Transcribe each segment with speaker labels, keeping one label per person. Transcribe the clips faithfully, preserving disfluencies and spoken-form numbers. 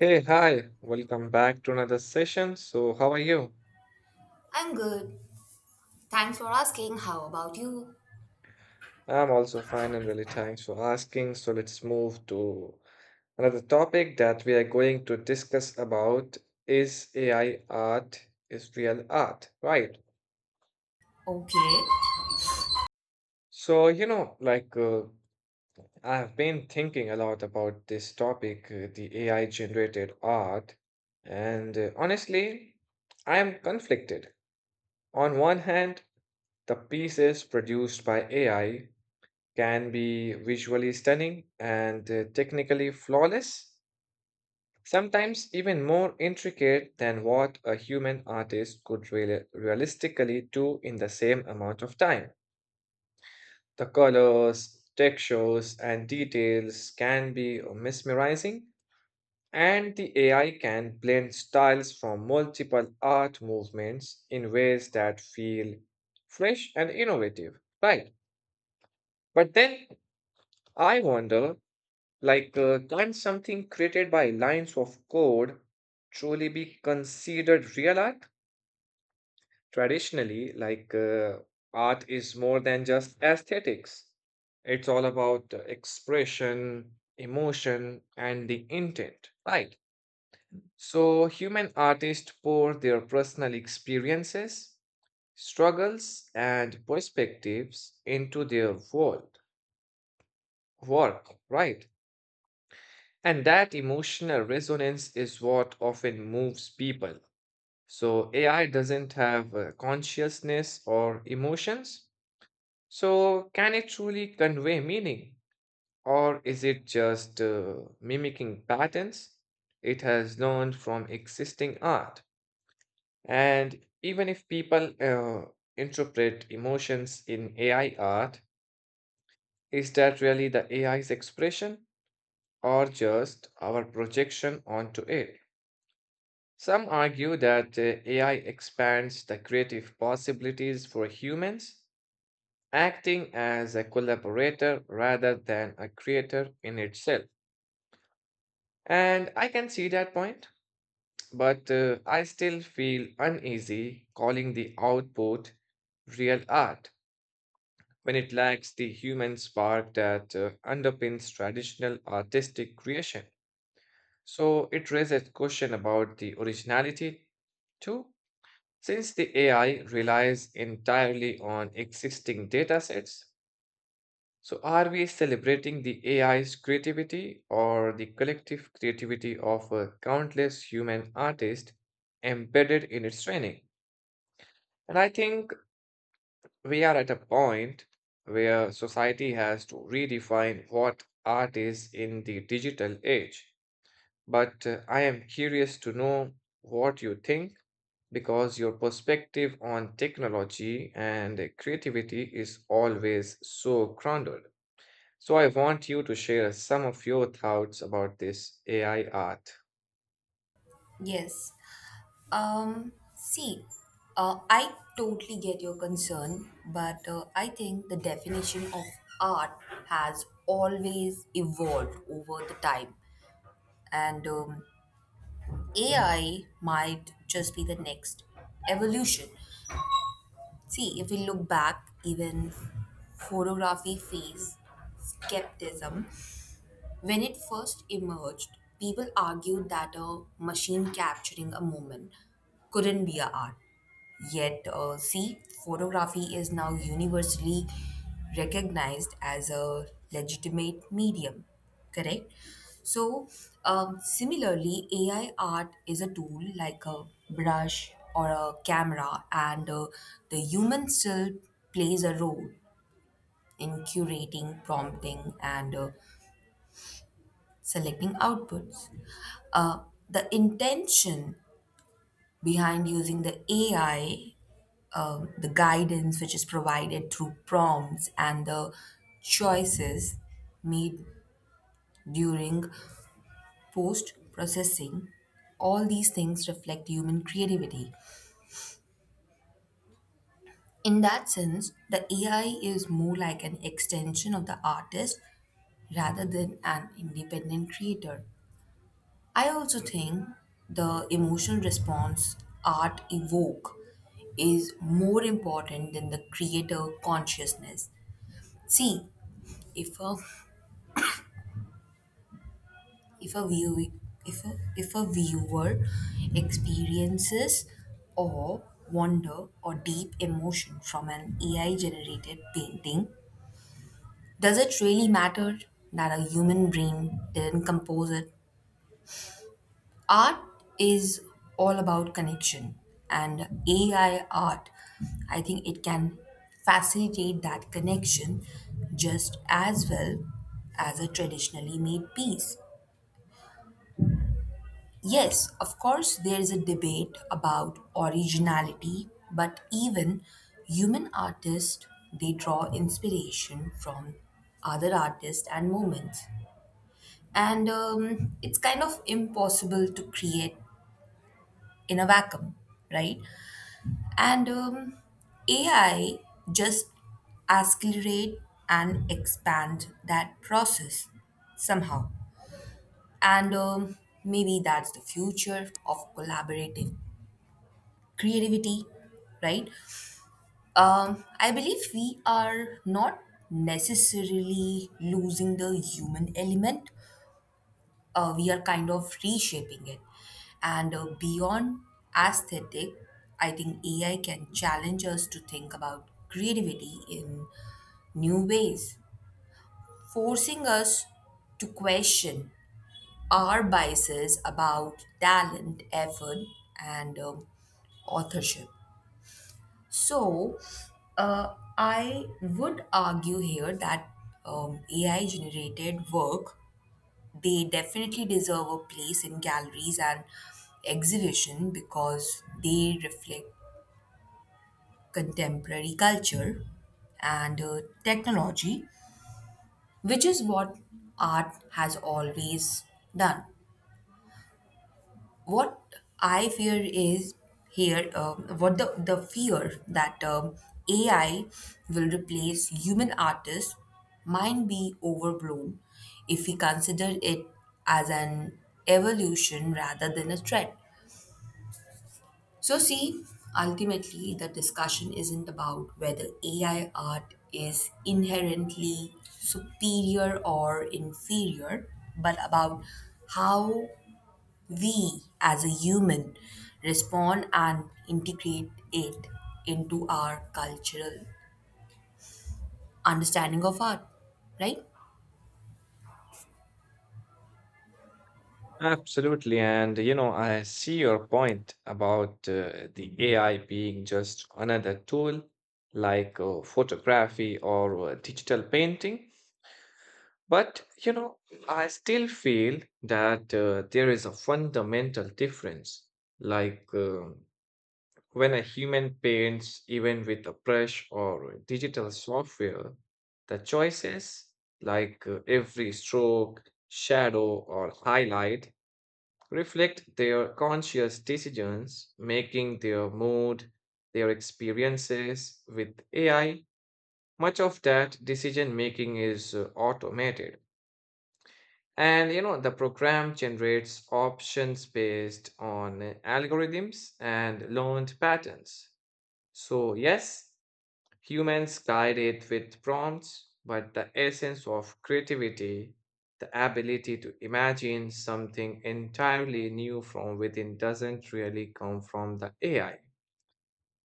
Speaker 1: Hey, hi, welcome back to another session. So, how are you?
Speaker 2: I'm good. Thanks for asking. How about you?
Speaker 1: I'm also fine and really thanks for asking. So, let's move to another topic that we are going to discuss about is A I art is real art, right?
Speaker 2: Okay.
Speaker 1: So, you know, like uh, I've been thinking a lot about this topic, uh, the A I generated art, and uh, honestly, I am conflicted. On one hand, the pieces produced by A I can be visually stunning and uh, technically flawless, sometimes even more intricate than what a human artist could reali- realistically do in the same amount of time. The colors, textures, and details can be mesmerizing, and the A I can blend styles from multiple art movements in ways that feel fresh and innovative, right? But then I wonder. Like, uh, can something created by lines of code truly be considered real art? Traditionally, like, uh, art is more than just aesthetics, it's all about uh, expression, emotion, and the intent, right? So, human artists pour their personal experiences, struggles, and perspectives into their world, work, right? And that emotional resonance is what often moves people. So, A I doesn't have uh, consciousness or emotions. So, can it truly convey meaning? Or is it just uh, mimicking patterns it has learned from existing art? And even if people uh, interpret emotions in A I art, is that really the A I's expression or just our projection onto it? Some argue that uh, A I expands the creative possibilities for humans, acting as a collaborator rather than a creator in itself. And I can see that point, but uh, I still feel uneasy calling the output real art when it lacks the human spark that uh, underpins traditional artistic creation. So it raises question about the originality too. Since the A I relies entirely on existing datasets, so are we celebrating the A I's creativity or the collective creativity of uh, countless human artists embedded in its training? And I think we are at a point where society has to redefine what art is in the digital age. But uh, I am curious to know what you think because your perspective on technology and creativity is always so grounded. So, I want you to share some of your thoughts about this A I art.
Speaker 2: Yes. Um, see, uh, I totally get your concern, but uh, I think the definition of art has always evolved over the time, and um, A I might just be the next evolution. See, if we look back, even photography phase skepticism. When it first emerged, people argued that a machine capturing a moment couldn't be a art. Yet, uh, see, photography is now universally recognized as a legitimate medium, correct? So, um, similarly, A I art is a tool like a brush or a camera, and uh, the human still plays a role in curating, prompting, and uh, selecting outputs. Uh, the intention behind using the A I, um, the guidance which is provided through prompts, and the choices made during post processing, all these things reflect human creativity. In that sense, the A I is more like an extension of the artist rather than an independent creator. I also think the emotional response art evoke is more important than the creator consciousness. See, if a if a view if a, if a viewer experiences or wonder or deep emotion from an A I generated painting, does it really matter that a human brain didn't compose it? Art is all about connection, and AI art, I think it can facilitate that connection just as well as a traditionally made piece. Yes, of course there is a debate about originality, but even human artists, they draw inspiration from other artists and movements, and um, it's kind of impossible to create in a vacuum, right? And um, A I just accelerate and expand that process somehow. And um, maybe that's the future of collaborative creativity, right? Um, I believe we are not necessarily losing the human element, uh, we are kind of reshaping it. And uh, beyond aesthetic, I think A I can challenge us to think about creativity in new ways, forcing us to question our biases about talent, effort, and um, authorship. So, uh, I would argue here that um, A I generated work, they definitely deserve a place in galleries and exhibition because they reflect contemporary culture and uh, technology, which is what art has always done. What I fear is here, um, what the, the fear that um, A I will replace human artists might be overblown if we consider it as an evolution rather than a threat. So, see, ultimately, the discussion isn't about whether A I art is inherently superior or inferior, but about how we as a human respond and integrate it into our cultural understanding of art, right?
Speaker 1: Absolutely. And, you know, I see your point about uh, the A I being just another tool like uh, photography or uh, digital painting. But, you know, I still feel that uh, there is a fundamental difference. Like uh, when a human paints, even with a brush or digital software, the choices, like uh, every stroke, shadow, or highlight, reflect their conscious decisions, making their mood, their experiences with A I. Much of that decision making is uh, automated and you know, the program generates options based on algorithms and learned patterns. So, yes, humans guide it with prompts, but the essence of creativity, the ability to imagine something entirely new from within, doesn't really come from the A I.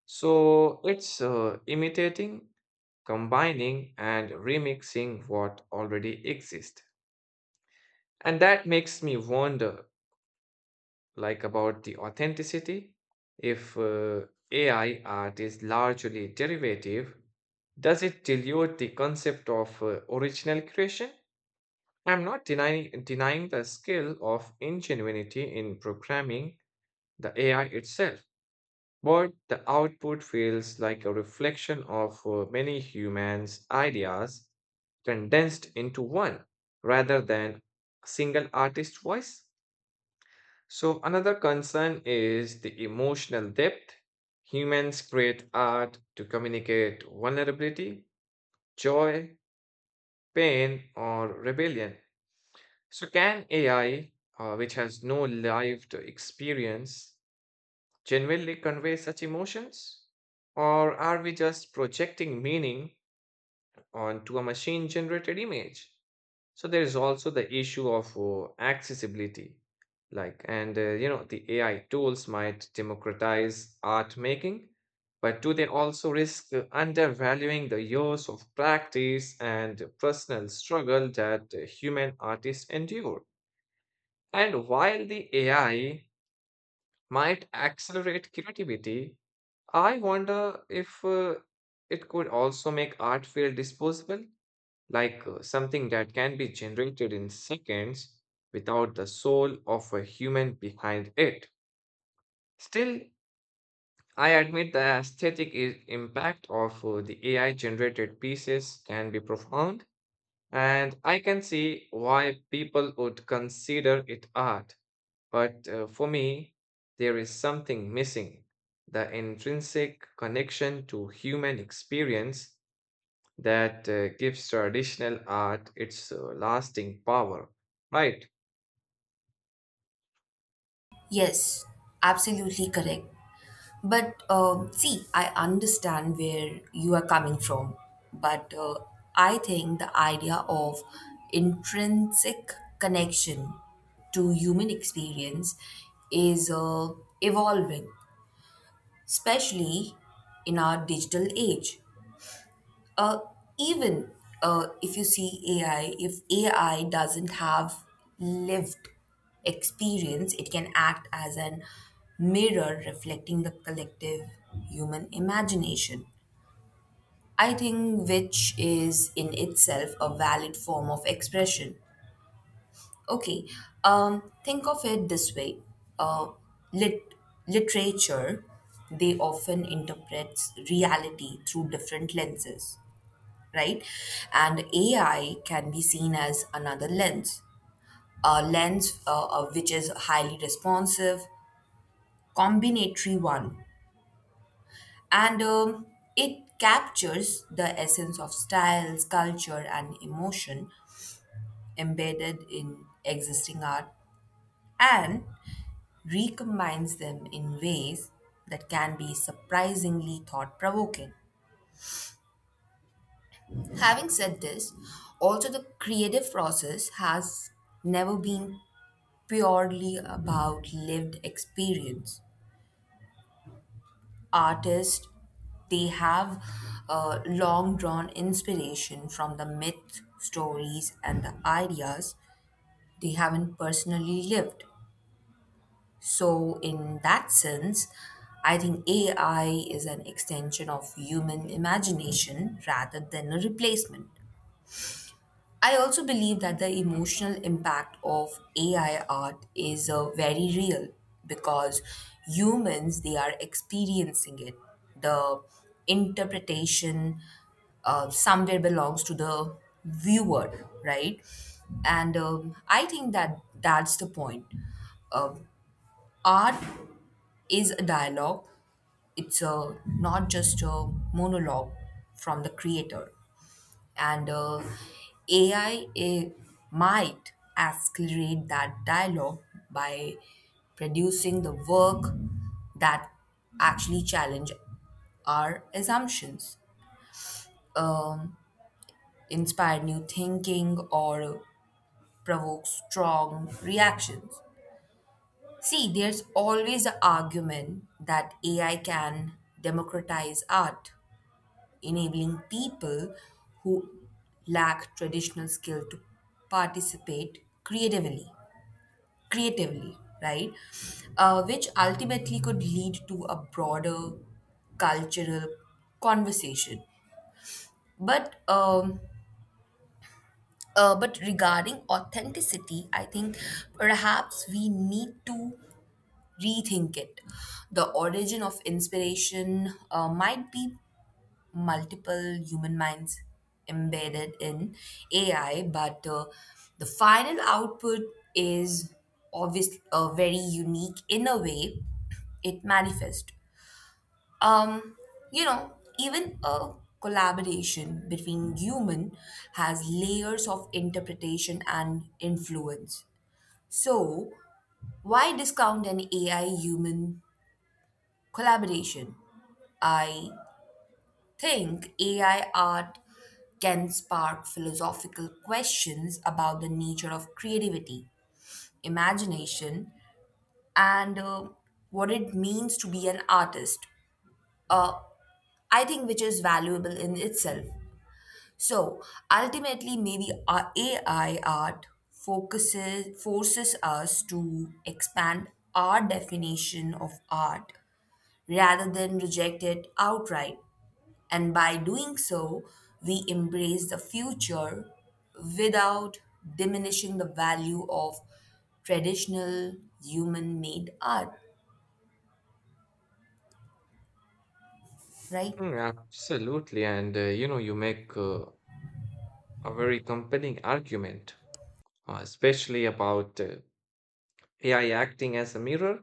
Speaker 1: So, it's uh, imitating, combining, and remixing what already exists. And that makes me wonder like about the authenticity. If uh, A I art is largely derivative, does it dilute the concept of uh, original creation? I'm not denying, denying the skill of ingenuity in programming the A I itself, but the output feels like a reflection of uh, many humans' ideas condensed into one rather than a single artist's voice. So, another concern is the emotional depth. Humans create art to communicate vulnerability, joy, pain, or rebellion. So, can A I, uh, which has no lived experience, genuinely convey such emotions? Or are we just projecting meaning onto a machine generated image? So there is also the issue of uh, accessibility, like, and uh, you know, the A I tools might democratize art making, but do they also risk uh, undervaluing the years of practice and personal struggle that uh, human artists endure? And while the A I might accelerate creativity, I wonder if uh, it could also make art feel disposable like uh, something that can be generated in seconds without the soul of a human behind it. Still, I admit the aesthetic i- impact of uh, the A I generated pieces can be profound, and I can see why people would consider it art. But uh, for me, there is something missing, the intrinsic connection to human experience that uh, gives traditional art its uh, lasting power, right?
Speaker 2: Yes, absolutely correct. But um, see, I understand where you are coming from. But uh, I think the idea of intrinsic connection to human experience is uh, evolving, especially in our digital age. Uh, even uh, if you see A I, if A I doesn't have lived experience, it can act as an mirror reflecting the collective human imagination. I think which is in itself a valid form of expression. Okay, um, think of it this way: uh, lit literature, they often interprets reality through different lenses, right? And A I can be seen as another lens, a lens uh, uh, which is highly responsive, combinatory one, and um, it captures the essence of styles, culture, and emotion embedded in existing art, and recombines them in ways that can be surprisingly thought provoking. Having said this, also the creative process has never been purely about lived experience. Artists, they have uh, long drawn inspiration from the myth, stories, and the ideas they haven't personally lived. So, in that sense, I think A I is an extension of human imagination rather than a replacement. I also believe that the emotional impact of A I art is uh, very real because humans they are experiencing it. The interpretation uh, somewhere belongs to the viewer, right? And um, I think that that's the point. Um Art is a dialogue. It's a not just a monologue from the creator, and uh, A I might accelerate that dialogue by producing the work that actually challenge our assumptions, um, inspire new thinking, or provoke strong reactions. See, there's always the argument that A I can democratize art, enabling people who lack traditional skill to participate creatively creatively right? Uh, which ultimately could lead to a broader cultural conversation. But um, uh, but regarding authenticity, I think perhaps we need to rethink it. The origin of inspiration uh, might be multiple human minds embedded in A I, but uh, the final output is obviously uh, very unique in a way it manifests. Um, you know, even a collaboration between human has layers of interpretation and influence. So, why discount an A I human collaboration? I think A I art can spark philosophical questions about the nature of creativity, imagination, and uh, what it means to be an artist. Uh, I think which is valuable in itself. So ultimately, maybe our A I art focuses forces us to expand our definition of art rather than reject it outright. And by doing so, we embrace the future without diminishing the value of traditional human made art, right?
Speaker 1: Mm, absolutely. And uh, you know, you make uh, a very compelling argument, uh, especially about uh, A I acting as a mirror.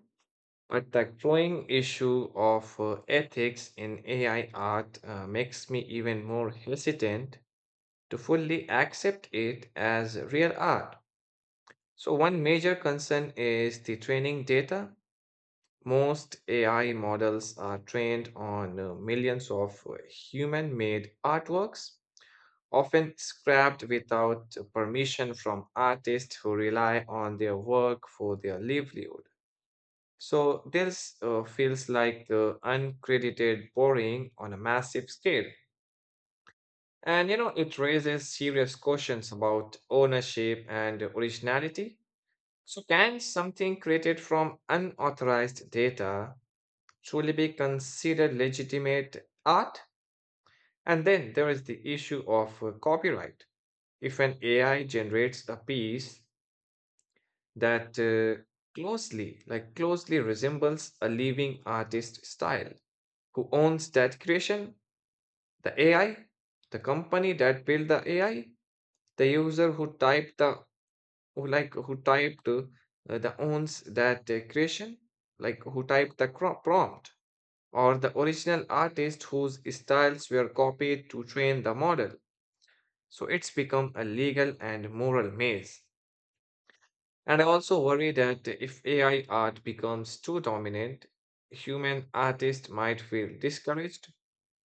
Speaker 1: But the growing issue of uh, ethics in A I art uh, makes me even more hesitant to fully accept it as real art. So, one major concern is the training data. Most A I models are trained on uh, millions of human made artworks, often scrapped without permission from artists who rely on their work for their livelihood. So, this uh, feels like the uncredited borrowing on a massive scale. And you know, it raises serious questions about ownership and originality. So, can something created from unauthorized data truly be considered legitimate art? And then there is the issue of uh, copyright. If an A I generates a piece that uh, closely, like closely resembles a living artist style, who owns that creation? The A I, the company that built the A I, the user who typed the who like who typed uh, the owns that uh, creation, like who typed the cro- prompt, or the original artist whose styles were copied to train the model. So it's become a legal and moral maze. And I also worry that if A I art becomes too dominant, human artists might feel discouraged,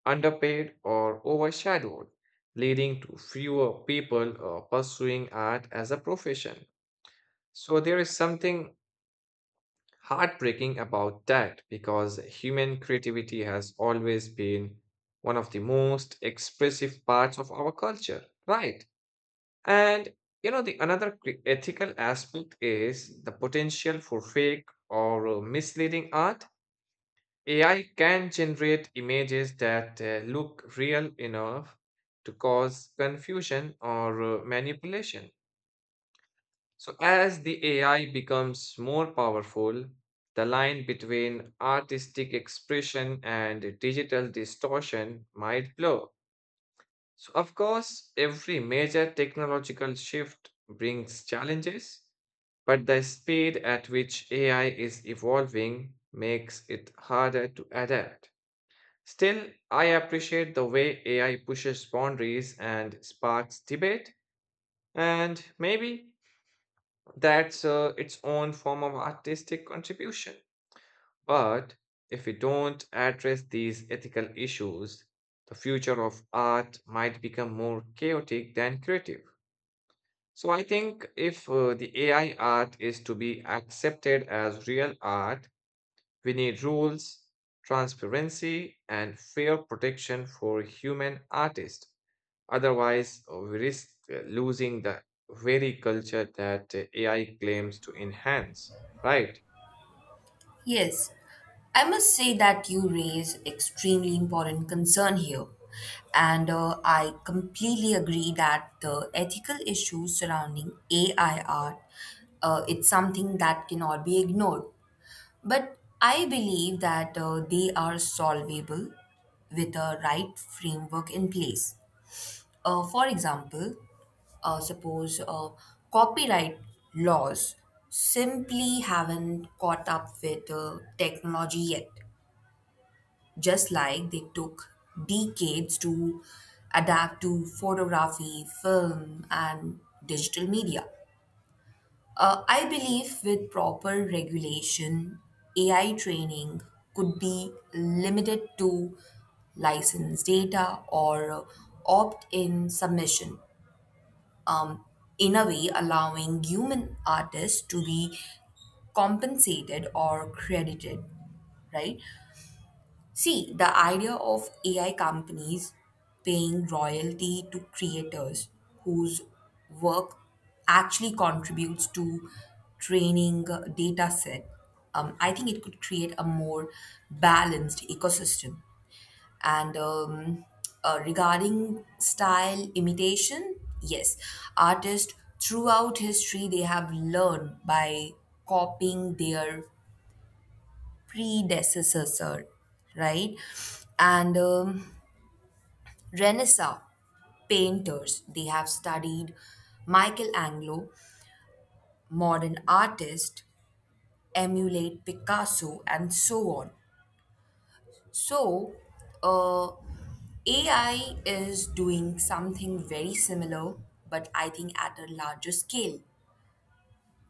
Speaker 1: underpaid, or overshadowed, leading to fewer people uh, pursuing art as a profession. So there is something heartbreaking about that, because human creativity has always been one of the most expressive parts of our culture, right? And you know, the another cri- ethical aspect is the potential for fake or uh, misleading art. AI can generate images that uh, look real enough to cause confusion or uh, manipulation. So, as the A I becomes more powerful, the line between artistic expression and digital distortion might blur. So, of course, every major technological shift brings challenges, but the speed at which A I is evolving makes it harder to adapt. Still, I appreciate the way A I pushes boundaries and sparks debate, and maybe that's uh, its own form of artistic contribution. But if we don't address these ethical issues, the future of art might become more chaotic than creative. So I think if uh, the A I art is to be accepted as real art, we need rules, transparency, and fair protection for human artists. Otherwise, uh, we risk uh, losing the very culture that uh, A I claims to enhance, right?
Speaker 2: Yes, I must say that you raise extremely important concern here. And uh, I completely agree that the ethical issues surrounding A I art, uh, it's something that cannot be ignored. But I believe that uh, they are solvable with a right framework in place. Uh, for example, uh, suppose uh, copyright laws simply haven't caught up with uh, technology yet, just like they took decades to adapt to photography, film, and digital media. Uh, I believe with proper regulation, A I training could be limited to license data or opt in submission, um, in a way, allowing human artists to be compensated or credited, right? See, the idea of A I companies paying royalty to creators whose work actually contributes to training uh, data set, um, I think it could create a more balanced ecosystem. And um, uh, Regarding style imitation, yes, artists throughout history they have learned by copying their predecessor, sir, right? And um, Renaissance painters, they have studied Michelangelo, modern artists emulate Picasso, and so on. So, uh, A I is doing something very similar, but I think at a larger scale.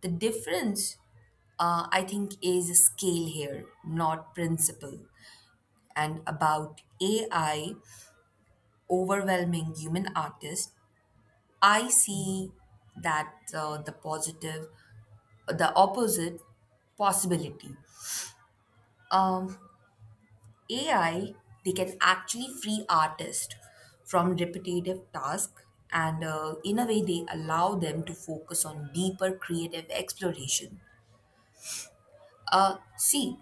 Speaker 2: The difference, uh, I think, is scale here, not principle. And about A I, overwhelming human artist, I see that uh, the positive, the opposite possibility. Um, A I, they can actually free artists from repetitive tasks and uh, in a way they allow them to focus on deeper creative exploration. Uh, see,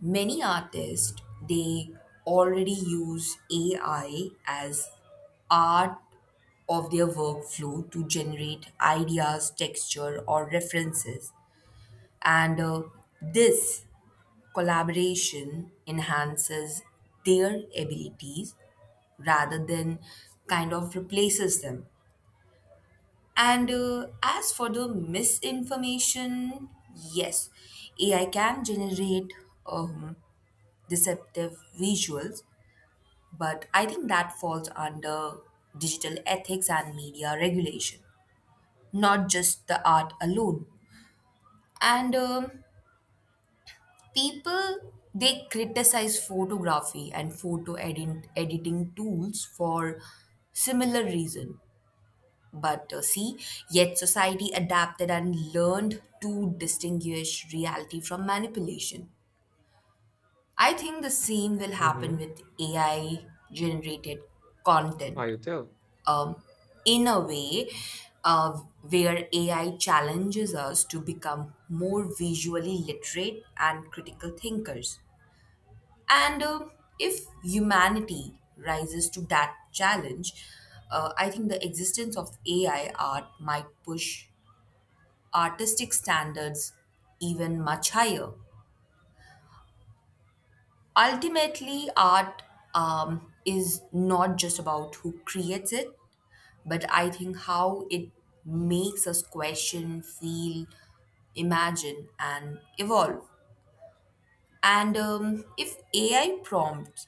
Speaker 2: many artists they already use A I as art of their workflow to generate ideas, texture, or references, and uh, this collaboration enhances their abilities rather than kind of replaces them. And uh, as for the misinformation, yes, A I can generate um, deceptive visuals, but I think that falls under digital ethics and media regulation, not just the art alone. And um, people they criticize photography and photo edit- editing tools for similar reason. But uh, see, yet society adapted and learned to distinguish reality from manipulation. I think the same will happen
Speaker 1: Mm-hmm.
Speaker 2: with A I generated content.
Speaker 1: I tell.
Speaker 2: um, in a way uh, where A I challenges us to become more visually literate and critical thinkers. And uh, if humanity rises to that challenge, uh, I think the existence of A I art might push artistic standards even much higher. Ultimately, art um, is not just about who creates it, but I think how it makes us question, feel, imagine, and evolve. And um, if A I prompts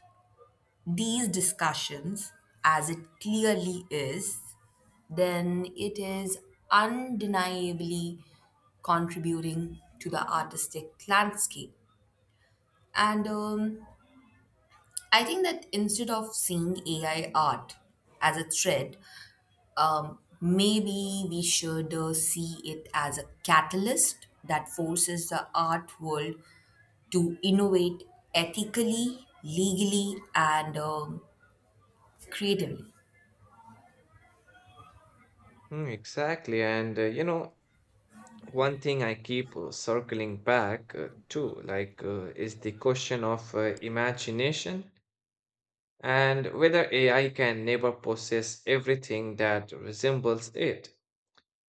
Speaker 2: these discussions, as it clearly is, then it is undeniably contributing to the artistic landscape. And um, I think that instead of seeing A I art as a threat, um, maybe we should uh, see it as a catalyst that forces the art world to innovate ethically, legally, and um, creatively.
Speaker 1: Mm, exactly. And uh, you know, one thing I keep uh, circling back uh, to, like, uh, is the question of uh, imagination and whether A I can never possess everything that resembles it.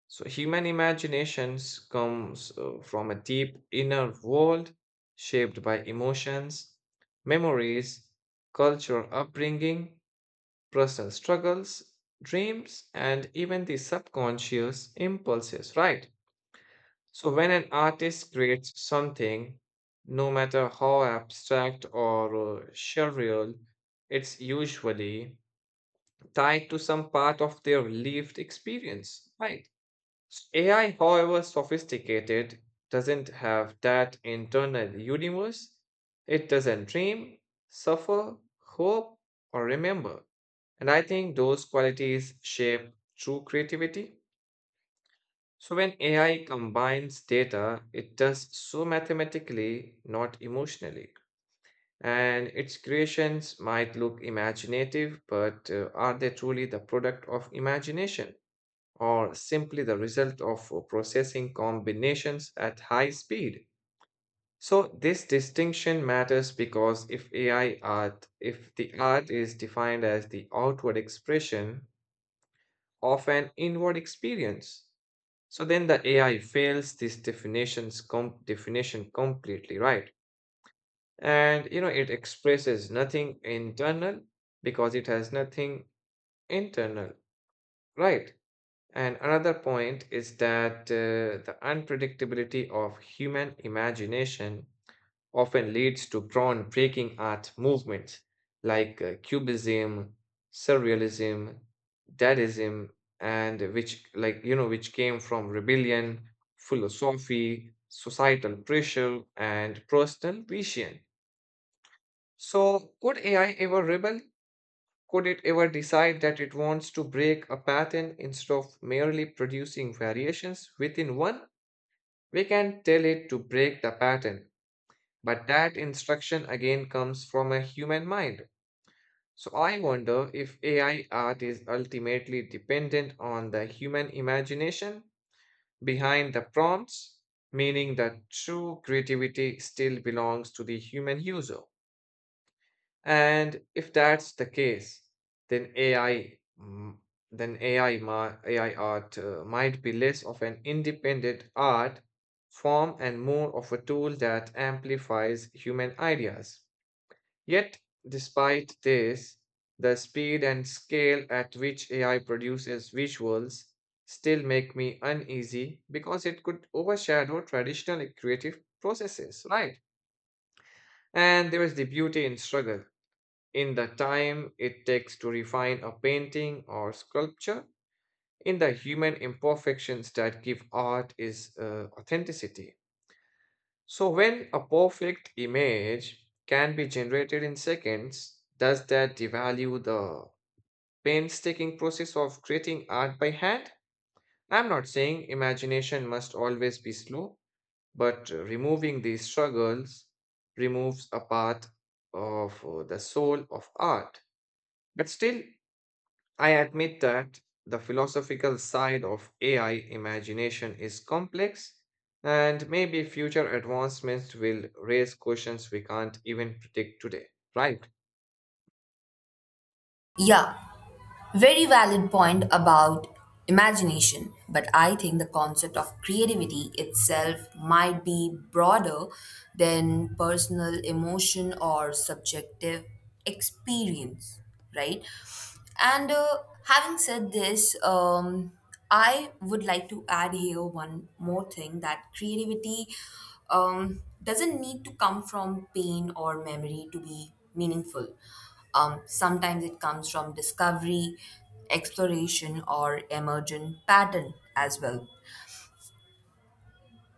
Speaker 1: So human imaginations comes uh, from a deep inner world shaped by emotions, memories, cultural upbringing, personal struggles, dreams, and even the subconscious impulses, right? So when an artist creates something, no matter how abstract or uh, surreal, it's usually tied to some part of their lived experience, right? A I, however sophisticated, doesn't have that internal universe. It doesn't dream, suffer, hope, or remember. And I think those qualities shape true creativity. So when A I combines data, it does so mathematically, not emotionally. And its creations might look imaginative, but uh, are they truly the product of imagination, or simply the result of uh, processing combinations at high speed? So this distinction matters because if A I art, if the art is defined as the outward expression of an inward experience, so then the A I fails this definition's com- definition completely, right? And you know, it expresses nothing internal because it has nothing internal, right? And another point is that uh, the unpredictability of human imagination often leads to groundbreaking art movements like uh, Cubism, Surrealism, Dadaism, and which, like, you know, which came from rebellion, philosophy, societal pressure, and personal vision. So, could A I ever rebel? Could it ever decide that it wants to break a pattern instead of merely producing variations within one? We can tell it to break the pattern, but that instruction again comes from a human mind. So I wonder if A I art is ultimately dependent on the human imagination behind the prompts, meaning that true creativity still belongs to the human user. And if that's the case, then A I, mm, then A I, ma- A I art uh, might be less of an independent art form and more of a tool that amplifies human ideas. Yet, despite this, the speed and scale at which A I produces visuals still make me uneasy because it could overshadow traditional creative processes, right? And there is the beauty in struggle, in the time it takes to refine a painting or sculpture, in the human imperfections that give art its uh, authenticity. So, when a perfect image can be generated in seconds, does that devalue the painstaking process of creating art by hand? I'm not saying imagination must always be slow, but uh, removing these struggles removes a part of uh, the soul of art. But still, I admit that the philosophical side of A I imagination is complex, and maybe future advancements will raise questions we can't even predict today. Right?
Speaker 2: Yeah, very valid point about imagination, but I think the concept of creativity itself might be broader than personal emotion or subjective experience, right? And uh, having said this, um, I would like to add here one more thing that creativity um, doesn't need to come from pain or memory to be meaningful. Um, sometimes it comes from discovery, exploration, or emergent pattern as well.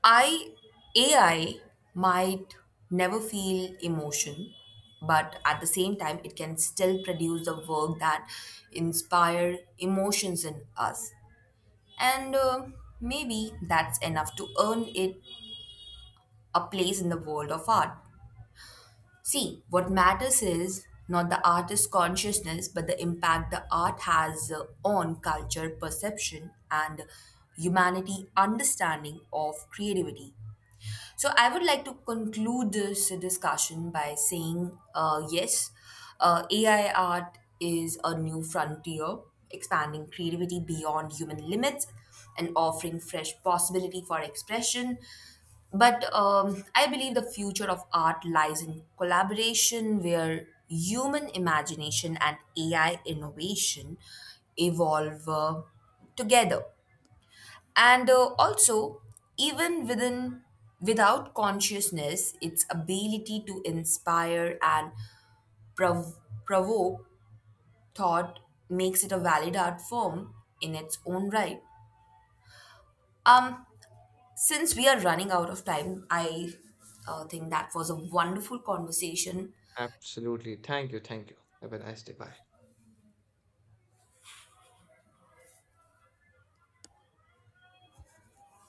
Speaker 2: I A I might never feel emotion, but at the same time, it can still produce the work that inspire emotions in us. And uh, maybe that's enough to earn it a place in the world of art. See, what matters is not the artist's consciousness, but the impact the art has uh, on culture, perception, and humanity understanding of creativity. So I would like to conclude this discussion by saying uh, yes, uh, A I art is a new frontier, expanding creativity beyond human limits and offering fresh possibility for expression. But um, I believe the future of art lies in collaboration where human imagination and A I innovation evolve uh, together, and uh, also even within without consciousness its ability to inspire and prov- provoke thought makes it a valid art form in its own right. um since we are running out of time, i uh, think that was a wonderful conversation.
Speaker 1: Absolutely. Thank you. Thank you. Have a nice day. Bye.